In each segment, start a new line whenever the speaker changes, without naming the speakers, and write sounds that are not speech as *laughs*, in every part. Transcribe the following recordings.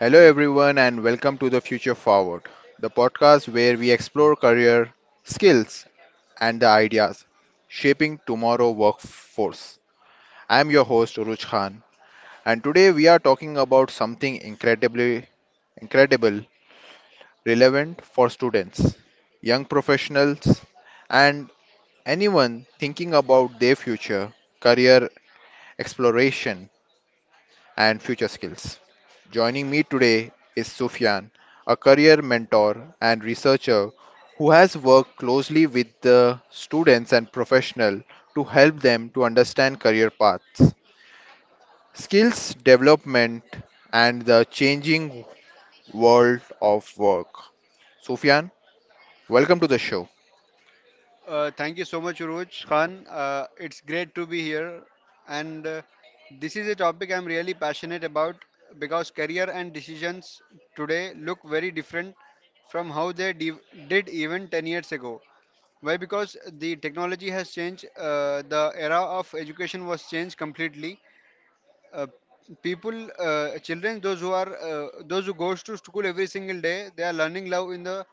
Hello, everyone, and welcome to the Future Forward, the podcast where we explore career, skills, and the ideas shaping tomorrow workforce. I am your host, Uruj Khan, and today we are talking about something incredible, relevant for students, young professionals, and anyone thinking about their future, career exploration, and future skills. Joining me today is Sufyan, a career mentor and researcher who has worked closely with the students and professionals to help them to understand career paths, skills development, and the changing world of work. Sufyan, welcome to the show.
Thank you so much, Uruj Khan. It's great to be here. And this is a topic I'm really passionate about because career and decisions today look very different from how did even 10 years ago. Why? Because the technology has changed, the era of education was changed completely, uh, people children those who are those who goes to school every single day they are learning love in the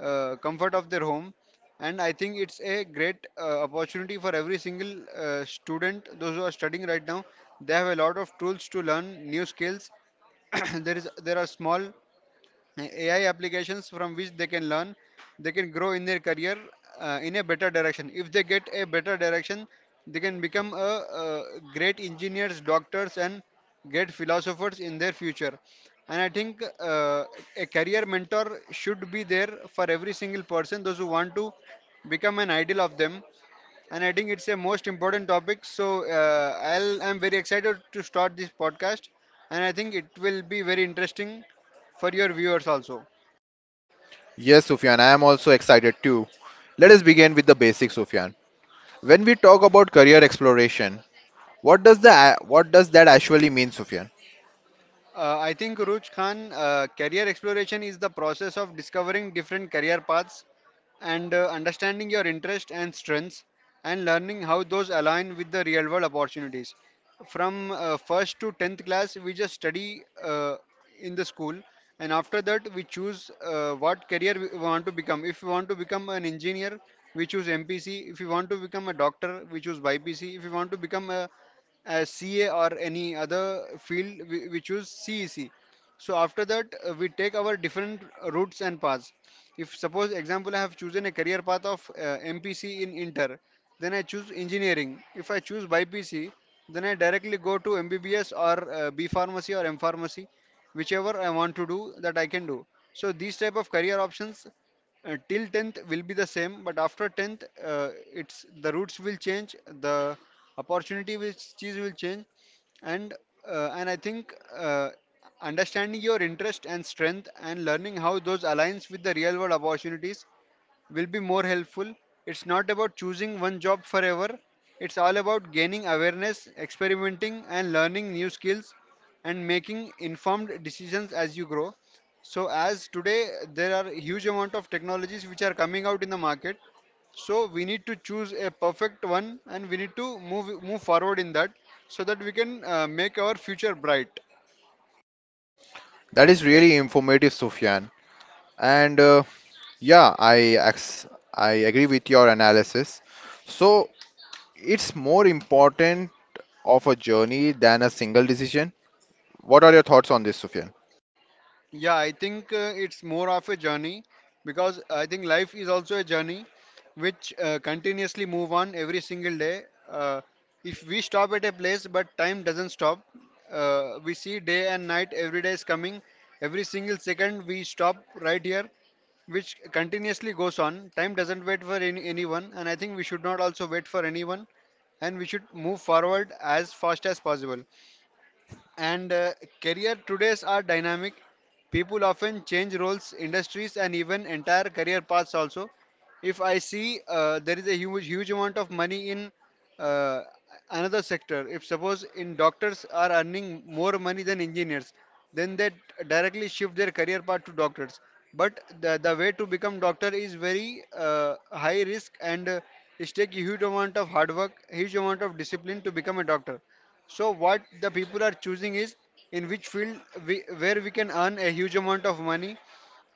comfort of their home, and I think it's a great opportunity for every single student those who are studying right now. They have a lot of tools to learn new skills. *clears throat* There are small AI applications from which they can learn, they can grow in their career in a better direction. If they get a better direction, they can become a, great engineers, doctors, and great philosophers in their future. And I think a career mentor should be there for every single person, those who want to become an idol of them, and I think it's a most important topic. So I'm very excited to start this podcast, and I think it will be very interesting for your viewers also.
Yes, Sufyan, I am also excited too. Let us begin with the basics, Sufyan. When we talk about career exploration, what does that actually mean, Sufyan?
I think Ruj Khan, career exploration is the process of discovering different career paths and understanding your interests and strengths and learning how those align with the real world opportunities. From first to 10th class, we just study in the school, and after that, we choose what career we want to become. If we want to become an engineer, we choose MPC. If we want to become a doctor, we choose YPC. If we want to become a as CA or any other field, we choose CEC. So after that, we take our different routes and paths. If suppose example I have chosen a career path of MPC in Inter, then I choose engineering. If I choose BPC, then I directly go to MBBS or B pharmacy or M pharmacy, whichever I want to do that I can do. So these type of career options till 10th will be the same, but after 10th it's the routes will change, the opportunity which cheese will change, and and I think uh, understanding your interest and strength and learning how those aligns with the real world opportunities will be more helpful. It's not about choosing one job forever, it's all about gaining awareness, experimenting, and learning new skills and making informed decisions as you grow. So, as today there are huge amount of technologies which are coming out in the market, so we need to choose a perfect one and we need to move forward in that so that we can make our future bright.
That is really informative, Sufyan. And yeah, ex- I agree with your analysis. So it's more important of a journey than a single decision. What are your thoughts on this, Sufyan?
Yeah, I think it's more of a journey because I think life is also a journey which continuously move on every single day. Uh, if we stop at a place, but time doesn't stop. We see day and night, every day is coming. Every single second we stop right here, which continuously goes on. Time doesn't wait for anyone, and I think we should not also wait for anyone, and we should move forward as fast as possible. And career todays are dynamic. People often change roles, industries, and even entire career paths also. If I see there is a huge amount of money in uh, another sector, if suppose in doctors are earning more money than engineers, then they directly shift their career path to doctors. But the way to become doctor is very high risk and it takes a huge amount of hard work, huge amount of discipline to become a doctor. So what the people are choosing is in which field where we can earn a huge amount of money.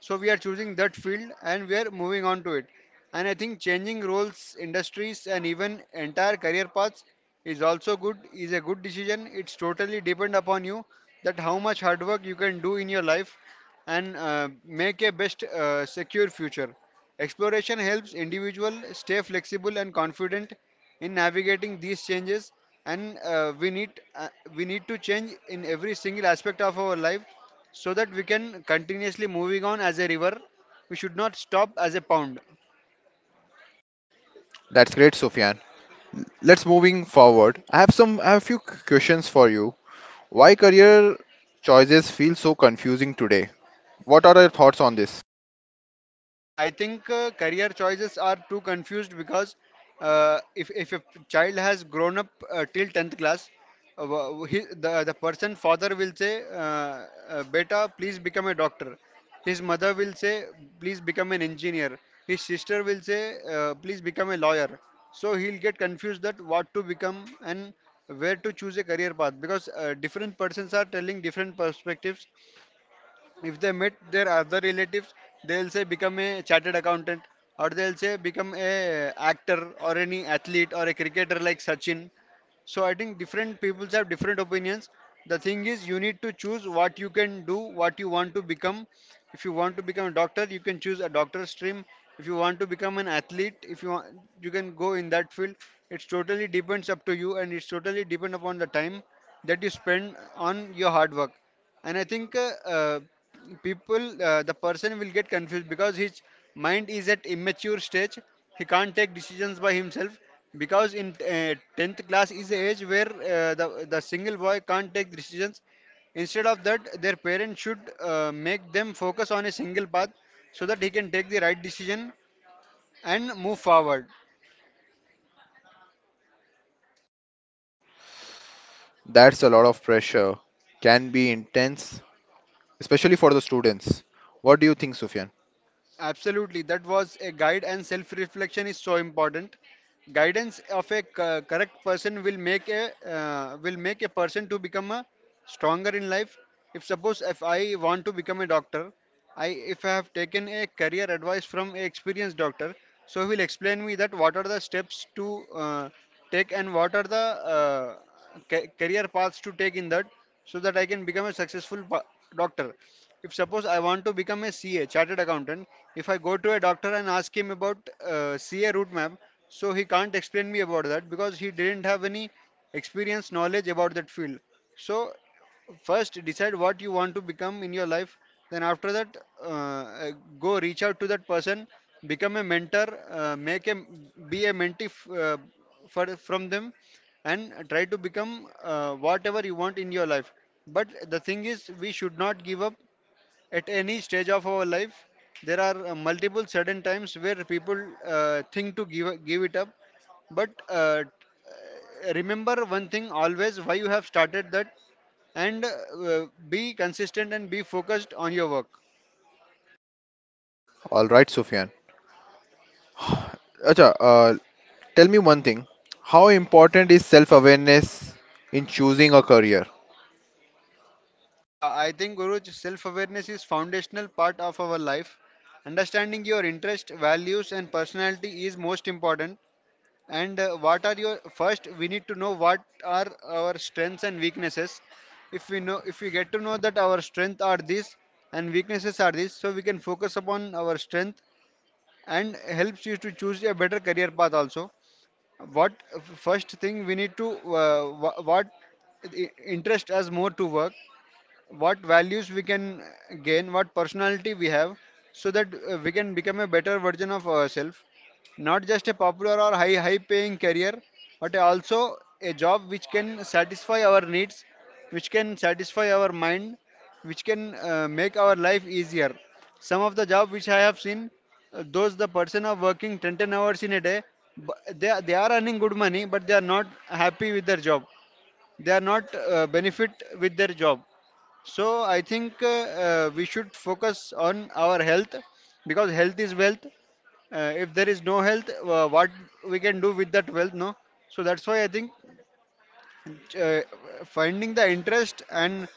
So we are choosing that field and we are moving on to it. And I think changing roles, industries, and even entire career paths is also good. Is a good decision. It's totally depend upon you that how much hard work you can do in your life and make a best secure future. Exploration helps individuals stay flexible and confident in navigating these changes and uh, we need to change in every single aspect of our life so that we can continuously moving on as a river, we should not stop as a pond.
That's great, Sufyan. Let's moving forward. I have few questions for you. Why career choices feel so confusing today? What are your thoughts on this?
I think career choices are too confused because if a child has grown up till 10th class, the person father will say, Beta, please become a doctor. His mother will say, please become an engineer. His sister will say, please become a lawyer. So he'll get confused that what to become and where to choose a career path because different persons are telling different perspectives. If they meet their other relatives, they'll say become a chartered accountant, or they'll say become a actor or any athlete or a cricketer like Sachin. So I think different peoples have different opinions. The thing is, you need to choose what you can do, what you want to become. If you want to become a doctor, you can choose a doctor stream. If you want to become an athlete, if you want, you can go in that field. It's totally depends up to you, and it's totally depend upon the time that you spend on your hard work, and I think uh, people the person will get confused because his mind is at immature stage, he can't take decisions by himself, because in 10th class is the age where the single boy can't take decisions. Instead of that, their parents should make them focus on a single path so that he can take the right decision and move forward.
That's a lot of pressure. Can be intense, especially for the students. What do you think, Sufyan?
Absolutely, that was a guide, and self reflection is so important. Guidance of a correct person will make a person to become a stronger in life. If suppose if I want to become a doctor, I if I have taken a career advice from a experienced doctor, so he will explain me that what are the steps to take and what are the uh, career paths to take in that so that I can become a successful doctor. If suppose I want to become a CA, chartered accountant, if I go to a doctor and ask him about CA route map, so he can't explain me about that because he didn't have any experience knowledge about that field. So first decide what you want to become in your life, then after that uh, uh, go reach out to that person, become a mentor make a be a mentee f- for from them, and try to become whatever you want in your life. But the thing is we should not give up at any stage of our life. There are multiple sudden times where people think to give it up. But remember one thing always: why you have started that, and be consistent and be focused on your work.
All right, Sufyan. Acha, tell me one thing. How important is self-awareness in choosing a career?
Yeah, I think Guruj, self-awareness is foundational part of our life. Understanding your interest, values, and personality is most important. And what are your first? We need to know what are our strengths and weaknesses. If we know, if we get to know that our strength are this and weaknesses are this, so we can focus upon our strength and helps you to choose a better career path also. What first thing we need to what interest us more to work, what values we can gain, what personality we have, so that we can become a better version of ourselves. Not just a popular or high paying career, but also a job which can satisfy our needs, which can satisfy our mind, which can make our life easier. Some of the job which I have seen, those the person are working 10 hours in a day, but they are earning good money, but they are not happy with their job. They are not benefit with their job. So I think we should focus on our health because health is wealth. If there is no health, what we can do with that wealth? No. So that's why I think uh, finding the interest and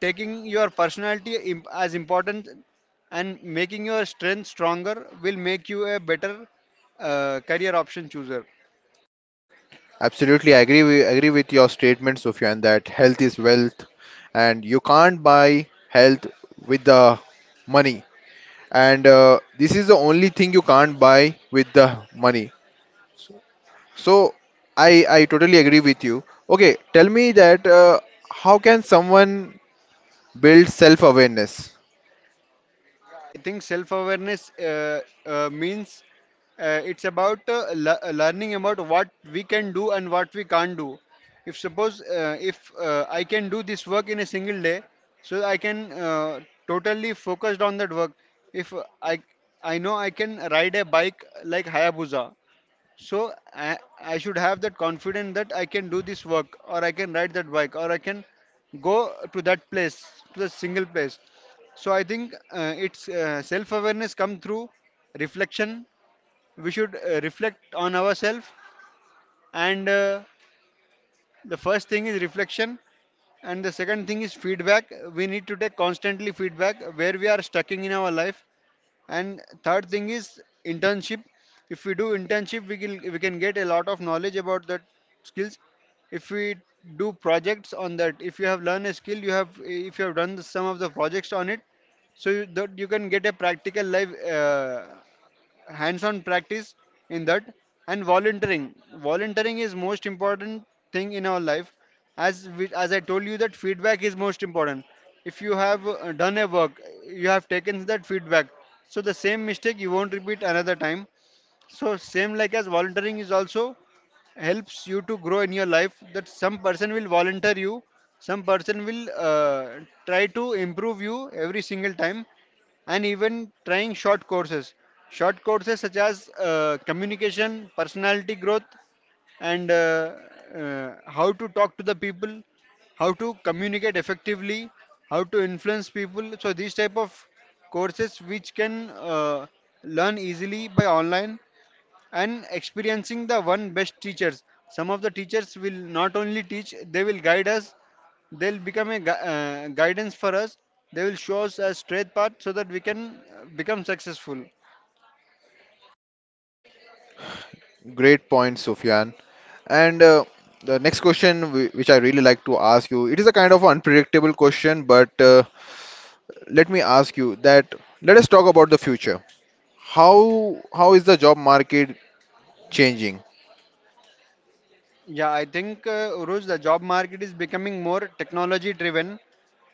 taking your personality as important and making your strength stronger will make you a better career option chooser.
Absolutely, I agree. Agree with your statement, Sufyan, that health is wealth, and you can't buy health with the money. And this is the only thing you can't buy with the money. So I totally agree with you. Okay, tell me that how can someone build self-awareness?
I think self awareness means it's about learning about what we can do and what we can't do. If suppose if I can do this work in a single day, so I can totally focused on that work. If I I know I can ride a bike like Hayabusa, so I should have that confidence that I can do this work or I can ride that bike or I can go to that place, to the single place. So I think it's self-awareness come through reflection. We should reflect on ourselves, and the first thing is reflection and the second thing is feedback. We need to take constantly feedback where we are stuck in our life, and third thing is internship. If we do internship, we can get a lot of knowledge about that skills. If we do projects on that, if you have learned a skill, you have if you have done some of the projects on it, so that you can get a practical life hands-on practice in that. And volunteering is most important thing in our life. As I told you, that feedback is most important. If you have done a work, you have taken that feedback, so the same mistake you won't repeat another time. So same, like, as volunteering is also helps you to grow in your life, that some person will volunteer you, some person will try to improve you every single time. And even trying short courses. Short courses such as communication, personality growth, and how to talk to the people, how to communicate effectively, how to influence people, so these type of courses which can learn easily by online, and experiencing the one best teachers. Some of the teachers will not only teach, they will guide us, they'll become a guidance for us, they will show us a straight path so that we can become successful.
Great point, Sufyan. And the next question, which I really like to ask you, it is a kind of unpredictable question, but let me ask you that let us talk about the future. How is the job market changing?
Yeah, I think Uruj, the job market is becoming more technology driven,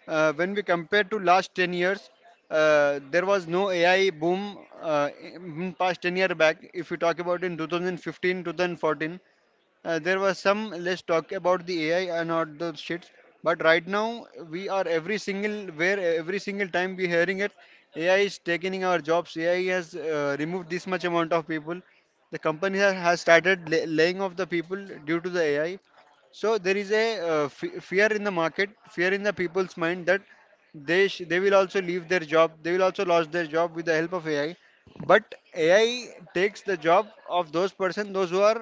when we compare to last 10 years. There was no AI boom in past 10-year back, if we talk about in 2015, 2014. There was some, let's talk about the AI and all those shits. But right now we are every single where, every single time we hearing it, AI is taking our jobs. AI has removed this much amount of people. The company has started laying off the people due to the AI. So there is a fear in the market, fear in the people's mind that they will also leave their job. They will also lose their job with the help of AI. But AI takes the job of those person, those who are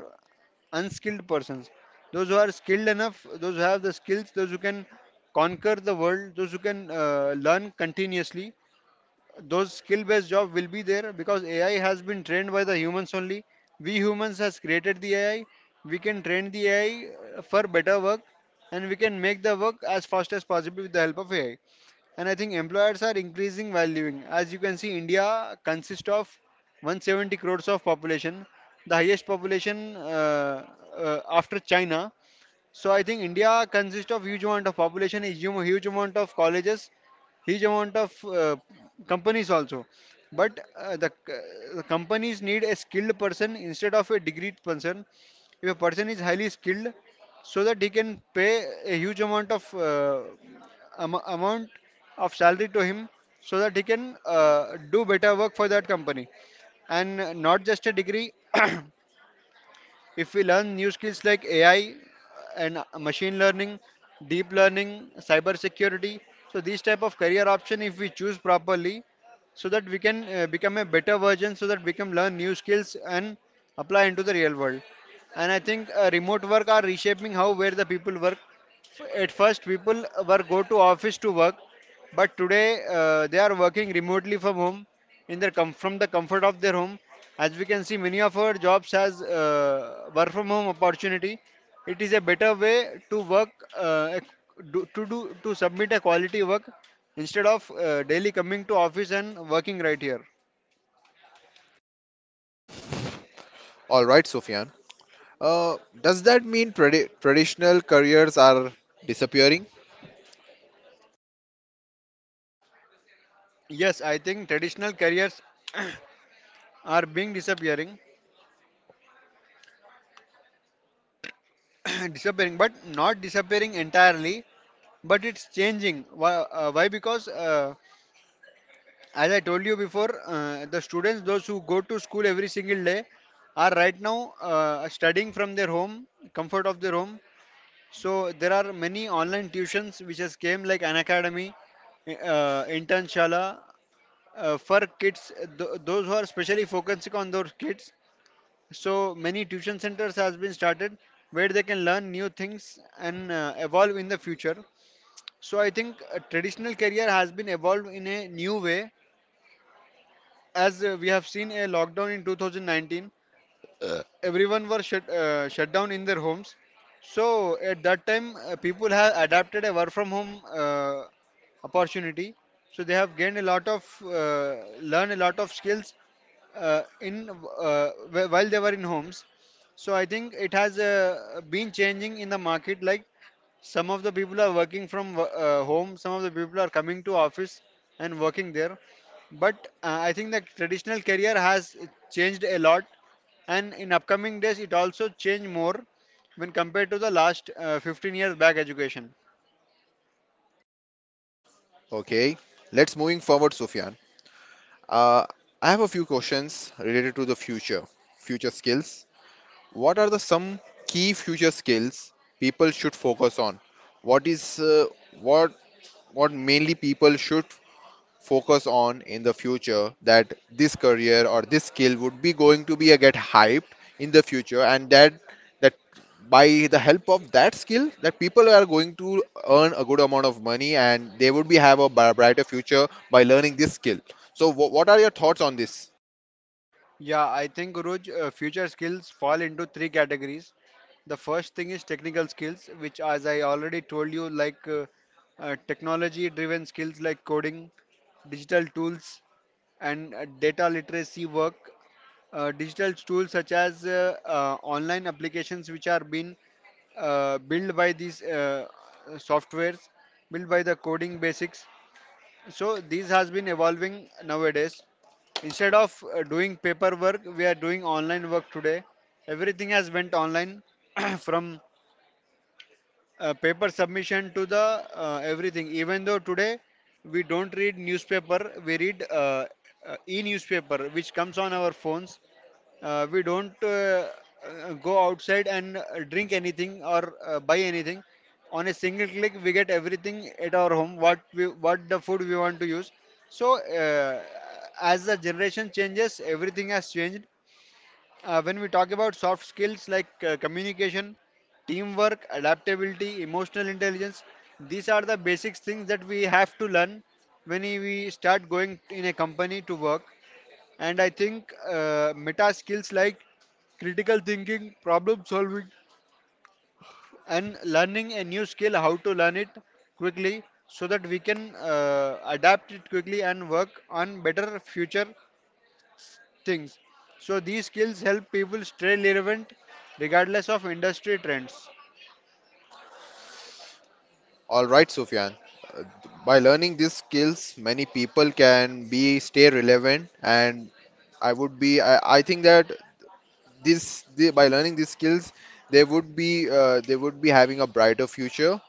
unskilled persons, those who are skilled enough, those who have the skills, those who can conquer the world, those who can learn continuously. Those skill based job will be there, because AI has been trained by the humans only. We humans has created the AI, we can train the AI for better work, and we can make the work as fast as possible with the help of AI. And I think employers are increasing valuing. As you can see, India consists of 170 crores of population, the highest population, after China. So I think India consists of huge amount of population, a huge amount of colleges, huge amount of companies also. But the companies need a skilled person instead of a degree person. If a person is highly skilled, so that he can pay a huge amount of amount of salary to him, so that he can do better work for that company, and not just a degree. *clears throat* *coughs* If we learn new skills like AI and machine learning, deep learning, cyber security, so these type of career option, if we choose properly, so that we can become a better version, so that we can learn new skills and apply into the real world. And I think remote work are reshaping how where the people work. At first people were go to office to work, but today they are working remotely from home, from the comfort of their home. As we can see, many of our jobs has work from home opportunity. It is a better way to work, uh, do to submit a quality work instead of daily coming to office and working right here.
All right, Sufyan. Uh, does that mean traditional careers are disappearing?
Yes, I think traditional careers are being disappearing, *coughs* *clears throat* disappearing, but not disappearing entirely. But it's changing. Why? Why? Because as I told you before, the students, those who go to school every single day, are right now studying from their home, comfort of their home. So there are many online tuitions which has came like an academy, internshala, for kids. Those who are specially focusing on those kids. So many tuition centers has been started where they can learn new things and evolve in the future. So I think a traditional career has been evolved in a new way, as we have seen a lockdown in 2019. Everyone were shut down in their homes, so at that time people have adapted a work from home opportunity, so they have gained a lot of learn a lot of skills uh, in while they were in homes. So I think it has been changing in the market, like some of the people are working from home, some of the people are coming to office and working there, but I think the traditional career has changed a lot, and in upcoming days it also changed more when compared to the last 15 years back education.
Okay, let's moving forward, Sufyan. Uh, I have a few questions related to the future, future skills. What are the some key future skills people should focus on? What is what what mainly people should focus on in the future that this career or this skill would be going to be a get hyped in the future and that by the help of that skill that people are going to earn a good amount of money and they would be have a brighter future by learning this skill, so what are your thoughts on this?
Yeah, I think Guruj, future skills fall into three categories. The first thing is technical skills, which, as I already told you, like technology-driven skills like coding, digital tools, and data literacy work. Digital tools such as online applications, which are being built by these softwares, built by the coding basics, so these has been evolving nowadays. Instead of doing paperwork, we are doing online work today. Everything has went online *clears throat* from paper submission to the everything, even though today we don't read newspaper, we read e-newspaper which comes on our phones. We don't go outside and drink anything or buy anything. On a single click we get everything at our home, what the food we want to use. So as the generation changes, everything has changed. When we talk about soft skills like communication, teamwork, adaptability, emotional intelligence, these are the basic things that we have to learn when we start going in a company to work. And I think meta skills like critical thinking, problem solving, and learning a new skill, how to learn it quickly so that we can adapt it quickly and work on better future things. So these skills help people stay relevant regardless of industry trends.
All right, Sufyan. Uh, By learning these skills, many people can be stay relevant, and I would be. I think that by learning these skills, they would be having a brighter future,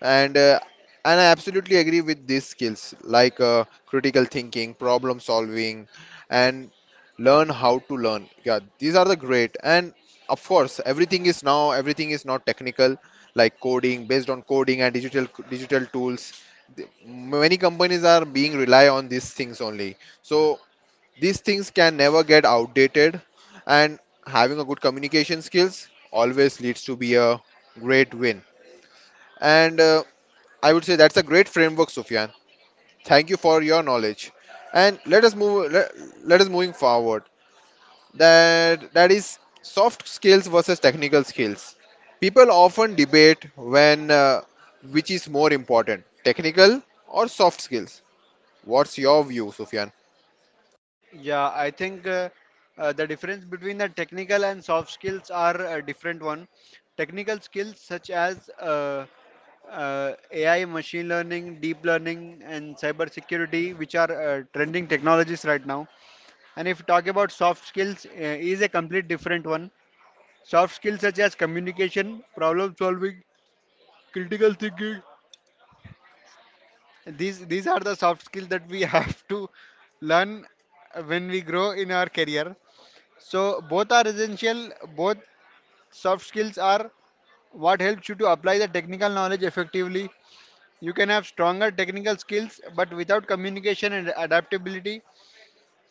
and uh, and I absolutely agree with these skills like critical thinking, problem solving, and learn how to learn. Yeah, these are the great. And of course, everything is not technical like coding based on coding and digital tools. Many companies are being rely on these things only. So these things can never get outdated, and having a good communication skills always leads to be a great win, and I would say that's a great framework, Sufyan. Thank you for your knowledge. And let us move. Let us moving forward. That is soft skills versus technical skills. People often debate when which is more important, technical or soft skills. What's your view, Sufyan?
Yeah, I think the difference between the technical and soft skills are a different one. Technical skills such as AI, machine learning, deep learning, and cybersecurity, which are trending technologies right now. And if you talk about soft skills, is a complete different one. Soft skills such as communication, problem solving, critical thinking. These are the soft skills that we *laughs* have to learn when we grow in our career. So both are essential. Both soft skills are what helps you to apply the technical knowledge effectively. You can have stronger technical skills, but without communication and adaptability,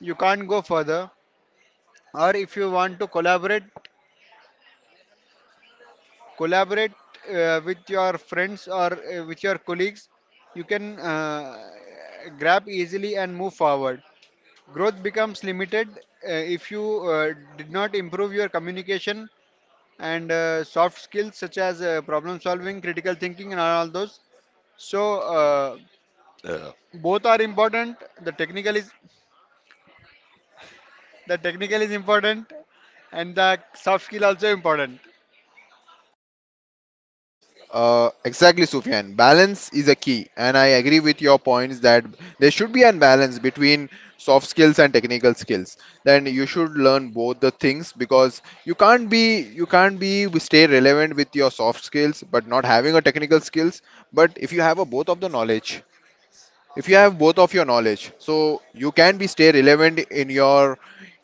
you can't go further. Or if you want to collaborate with your friends or with your colleagues, you can grab easily and move forward. Growth becomes limited if you did not improve your communication and soft skills such as problem solving, critical thinking, and all those. So both are important. The technical is the technical is important, and the soft skill also important.
Exactly, Sufyan. Balance is a key, and I agree with your points that there should be a balance between soft skills and technical skills. Then you should learn both the things because you can't be stay relevant with your soft skills but not having a technical skills. But if you have a both of the knowledge, if you have both of your knowledge, so you can be stay relevant in your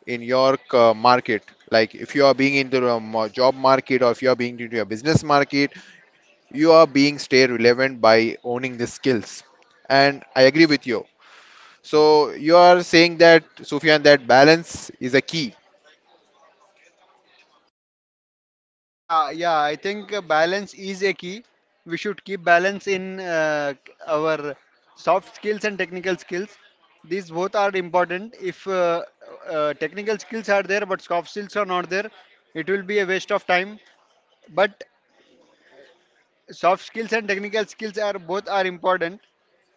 market. Like if you are being into a job market or if you are being into a business market, you are being stay relevant by owning the skills, and I agree with you. So you are saying that, Sufyan, that balance is a key.
Yeah, yeah, I think balance is a key. We should keep balance in our soft skills and technical skills. These both are important. If technical skills are there but soft skills are not there, it will be a waste of time. But soft skills and technical skills are both are important.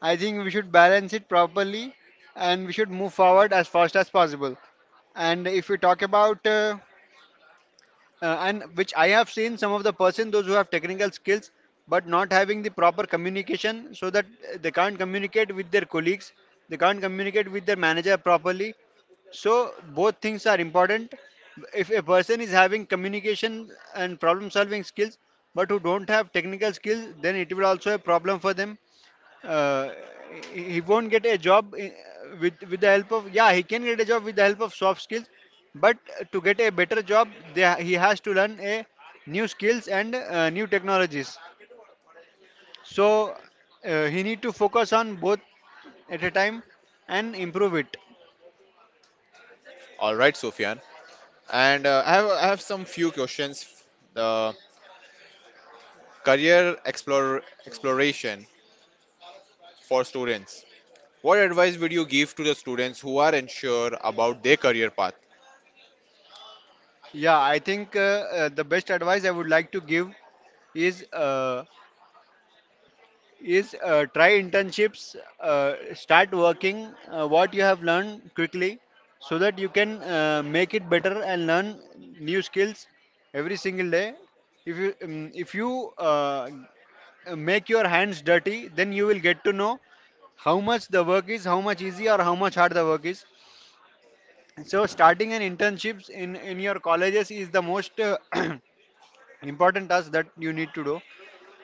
I think we should balance it properly and we should move forward as fast as possible. And if we talk about and which I have seen some of the person those who have technical skills but not having the proper communication so that they can't communicate with their colleagues, they can't communicate with their manager properly. So both things are important. If a person is having communication and problem solving skills but who don't have technical skills, then it will also a problem for them. uh, he won't get a with the help of yeah he can get a job with the help of soft skills, but to get a better job he has to learn a new skills and new technologies. So he need to focus on both at a time and improve it.
All right, Sufyan, and I have some few questions. The career explore, exploration for students: what advice would you give to the students who are unsure about their career path?
Yeah, I think the best advice I would like to give is uh, is try internships, start working what you have learned quickly so that you can make it better and learn new skills every single day. If you make your hands dirty, then you will get to know how much the work is, how much easy or how much hard the work is. So starting an internships in your colleges is the most *clears throat* important task that you need to do,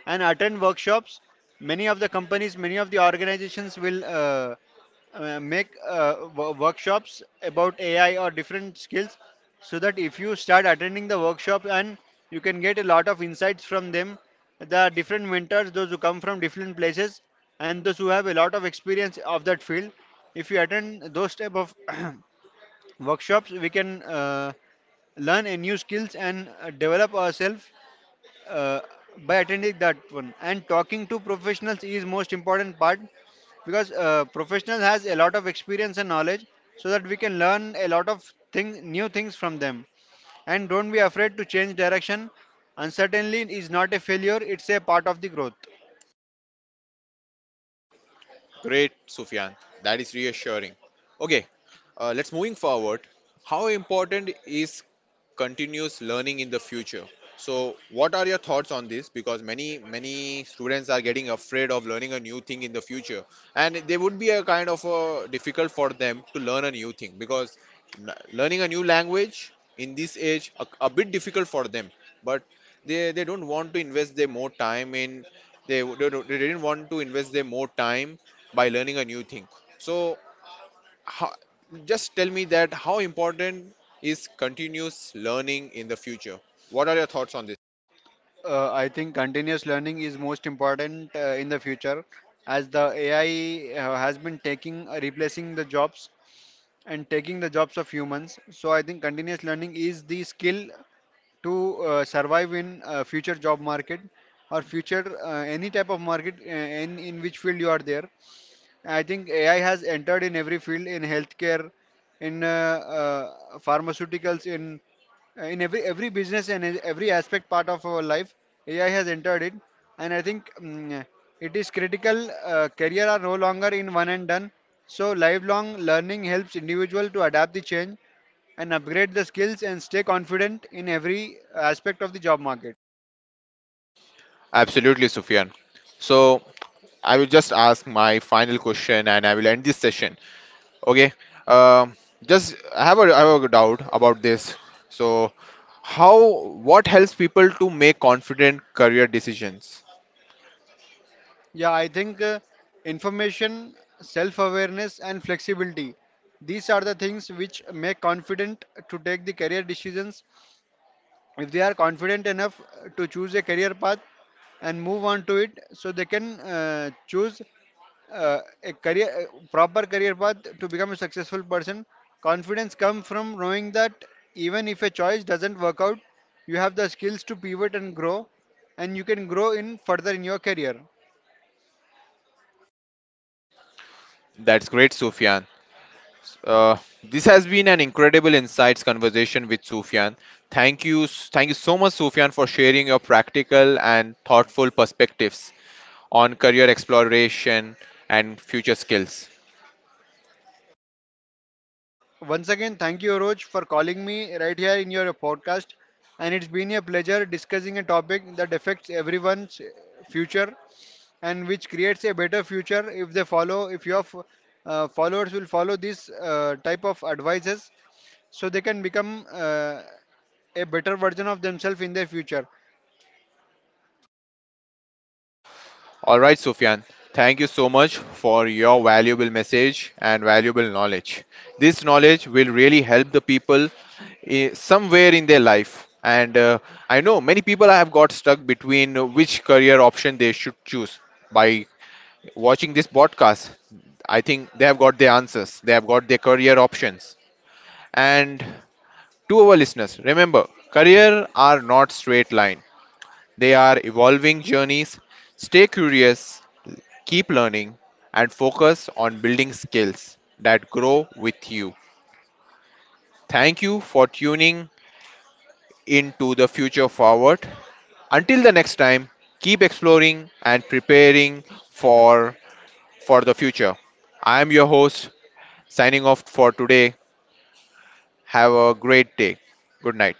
and attend workshops. Many of the companies, many of the organizations will make workshops about ai or different skills, so that if you start attending the workshop, and you can get a lot of insights from them. There are different mentors those who come from different places and those who have a lot of experience of that field. If you attend those type of *clears throat* workshops, we can learn a new skills and develop ourselves uh, by attending that one. And talking to professionals is most important part, because professional has a lot of experience and knowledge, so that we can learn a lot of thing, new things from them. And don't be afraid to change direction. Uncertainty is not a failure, it's a part of the growth.
Great, Sufyan, that is reassuring. Okay, let's moving forward. How important is continuous learning in the future? So what are your thoughts on this, because many many students are getting afraid of learning a new thing in the future, and they would be a kind of a difficult for them to learn a new thing, because learning a new language in this age a bit difficult for them, but they don't want to invest their more time in, they didn't want to invest their more time by learning a new thing. So how, just tell me that how important is continuous learning in the future? What are your thoughts on this?
I think continuous learning is most important in the future, as the ai has been taking replacing the jobs and taking the jobs of humans. So I think continuous learning is the skill to survive in future job market, or future any type of market in which field you are there. I think AI has entered in every field, in healthcare, in pharmaceuticals, in every business and in every aspect part of our life. AI has entered it, and I think it is critical. Career are no longer in one and done. So lifelong learning helps individual to adapt the change and upgrade the skills and stay confident in every aspect of the job market.
Absolutely, Sufyan. So I will just ask my final question and I will end this session. Okay. Um just I have a doubt about this. So how, what helps people to make confident career decisions?
Yeah, I think information, self awareness, and flexibility. These are the things which make confident to take the career decisions. If they are confident enough to choose a career path and move on to it, so they can choose a career, a proper career path to become a successful person. Confidence comes from knowing that even if a choice doesn't work out, you have the skills to pivot and grow, and you can grow in further in your career.
That's great, Sufyan. Uh, this has been an incredible insights conversation with Sufyan. Thank you so much, Sufyan, for sharing your practical and thoughtful perspectives on career exploration and future skills.
Once again, thank you, Roj, for calling me right here in your podcast. And it's been a pleasure discussing a topic that affects everyone's future, and which creates a better future if they follow, if your f- followers will follow this type of advices, so they can become a better version of themselves in their future.
All right, Sufyan, thank you so much for your valuable message and valuable knowledge. This knowledge will really help the people, eh, somewhere in their life. And I know many people have got stuck between which career option they should choose. By watching this podcast, I think they have got their answers, they have got their career options. And to our listeners, remember career are not straight line. They are evolving journeys. Stay curious, keep learning, and focus on building skills that grow with you. Thank you for tuning into the future forward. Until the next time, keep exploring and preparing for for the future. I am your host signing off for today. Have a great day. Good night.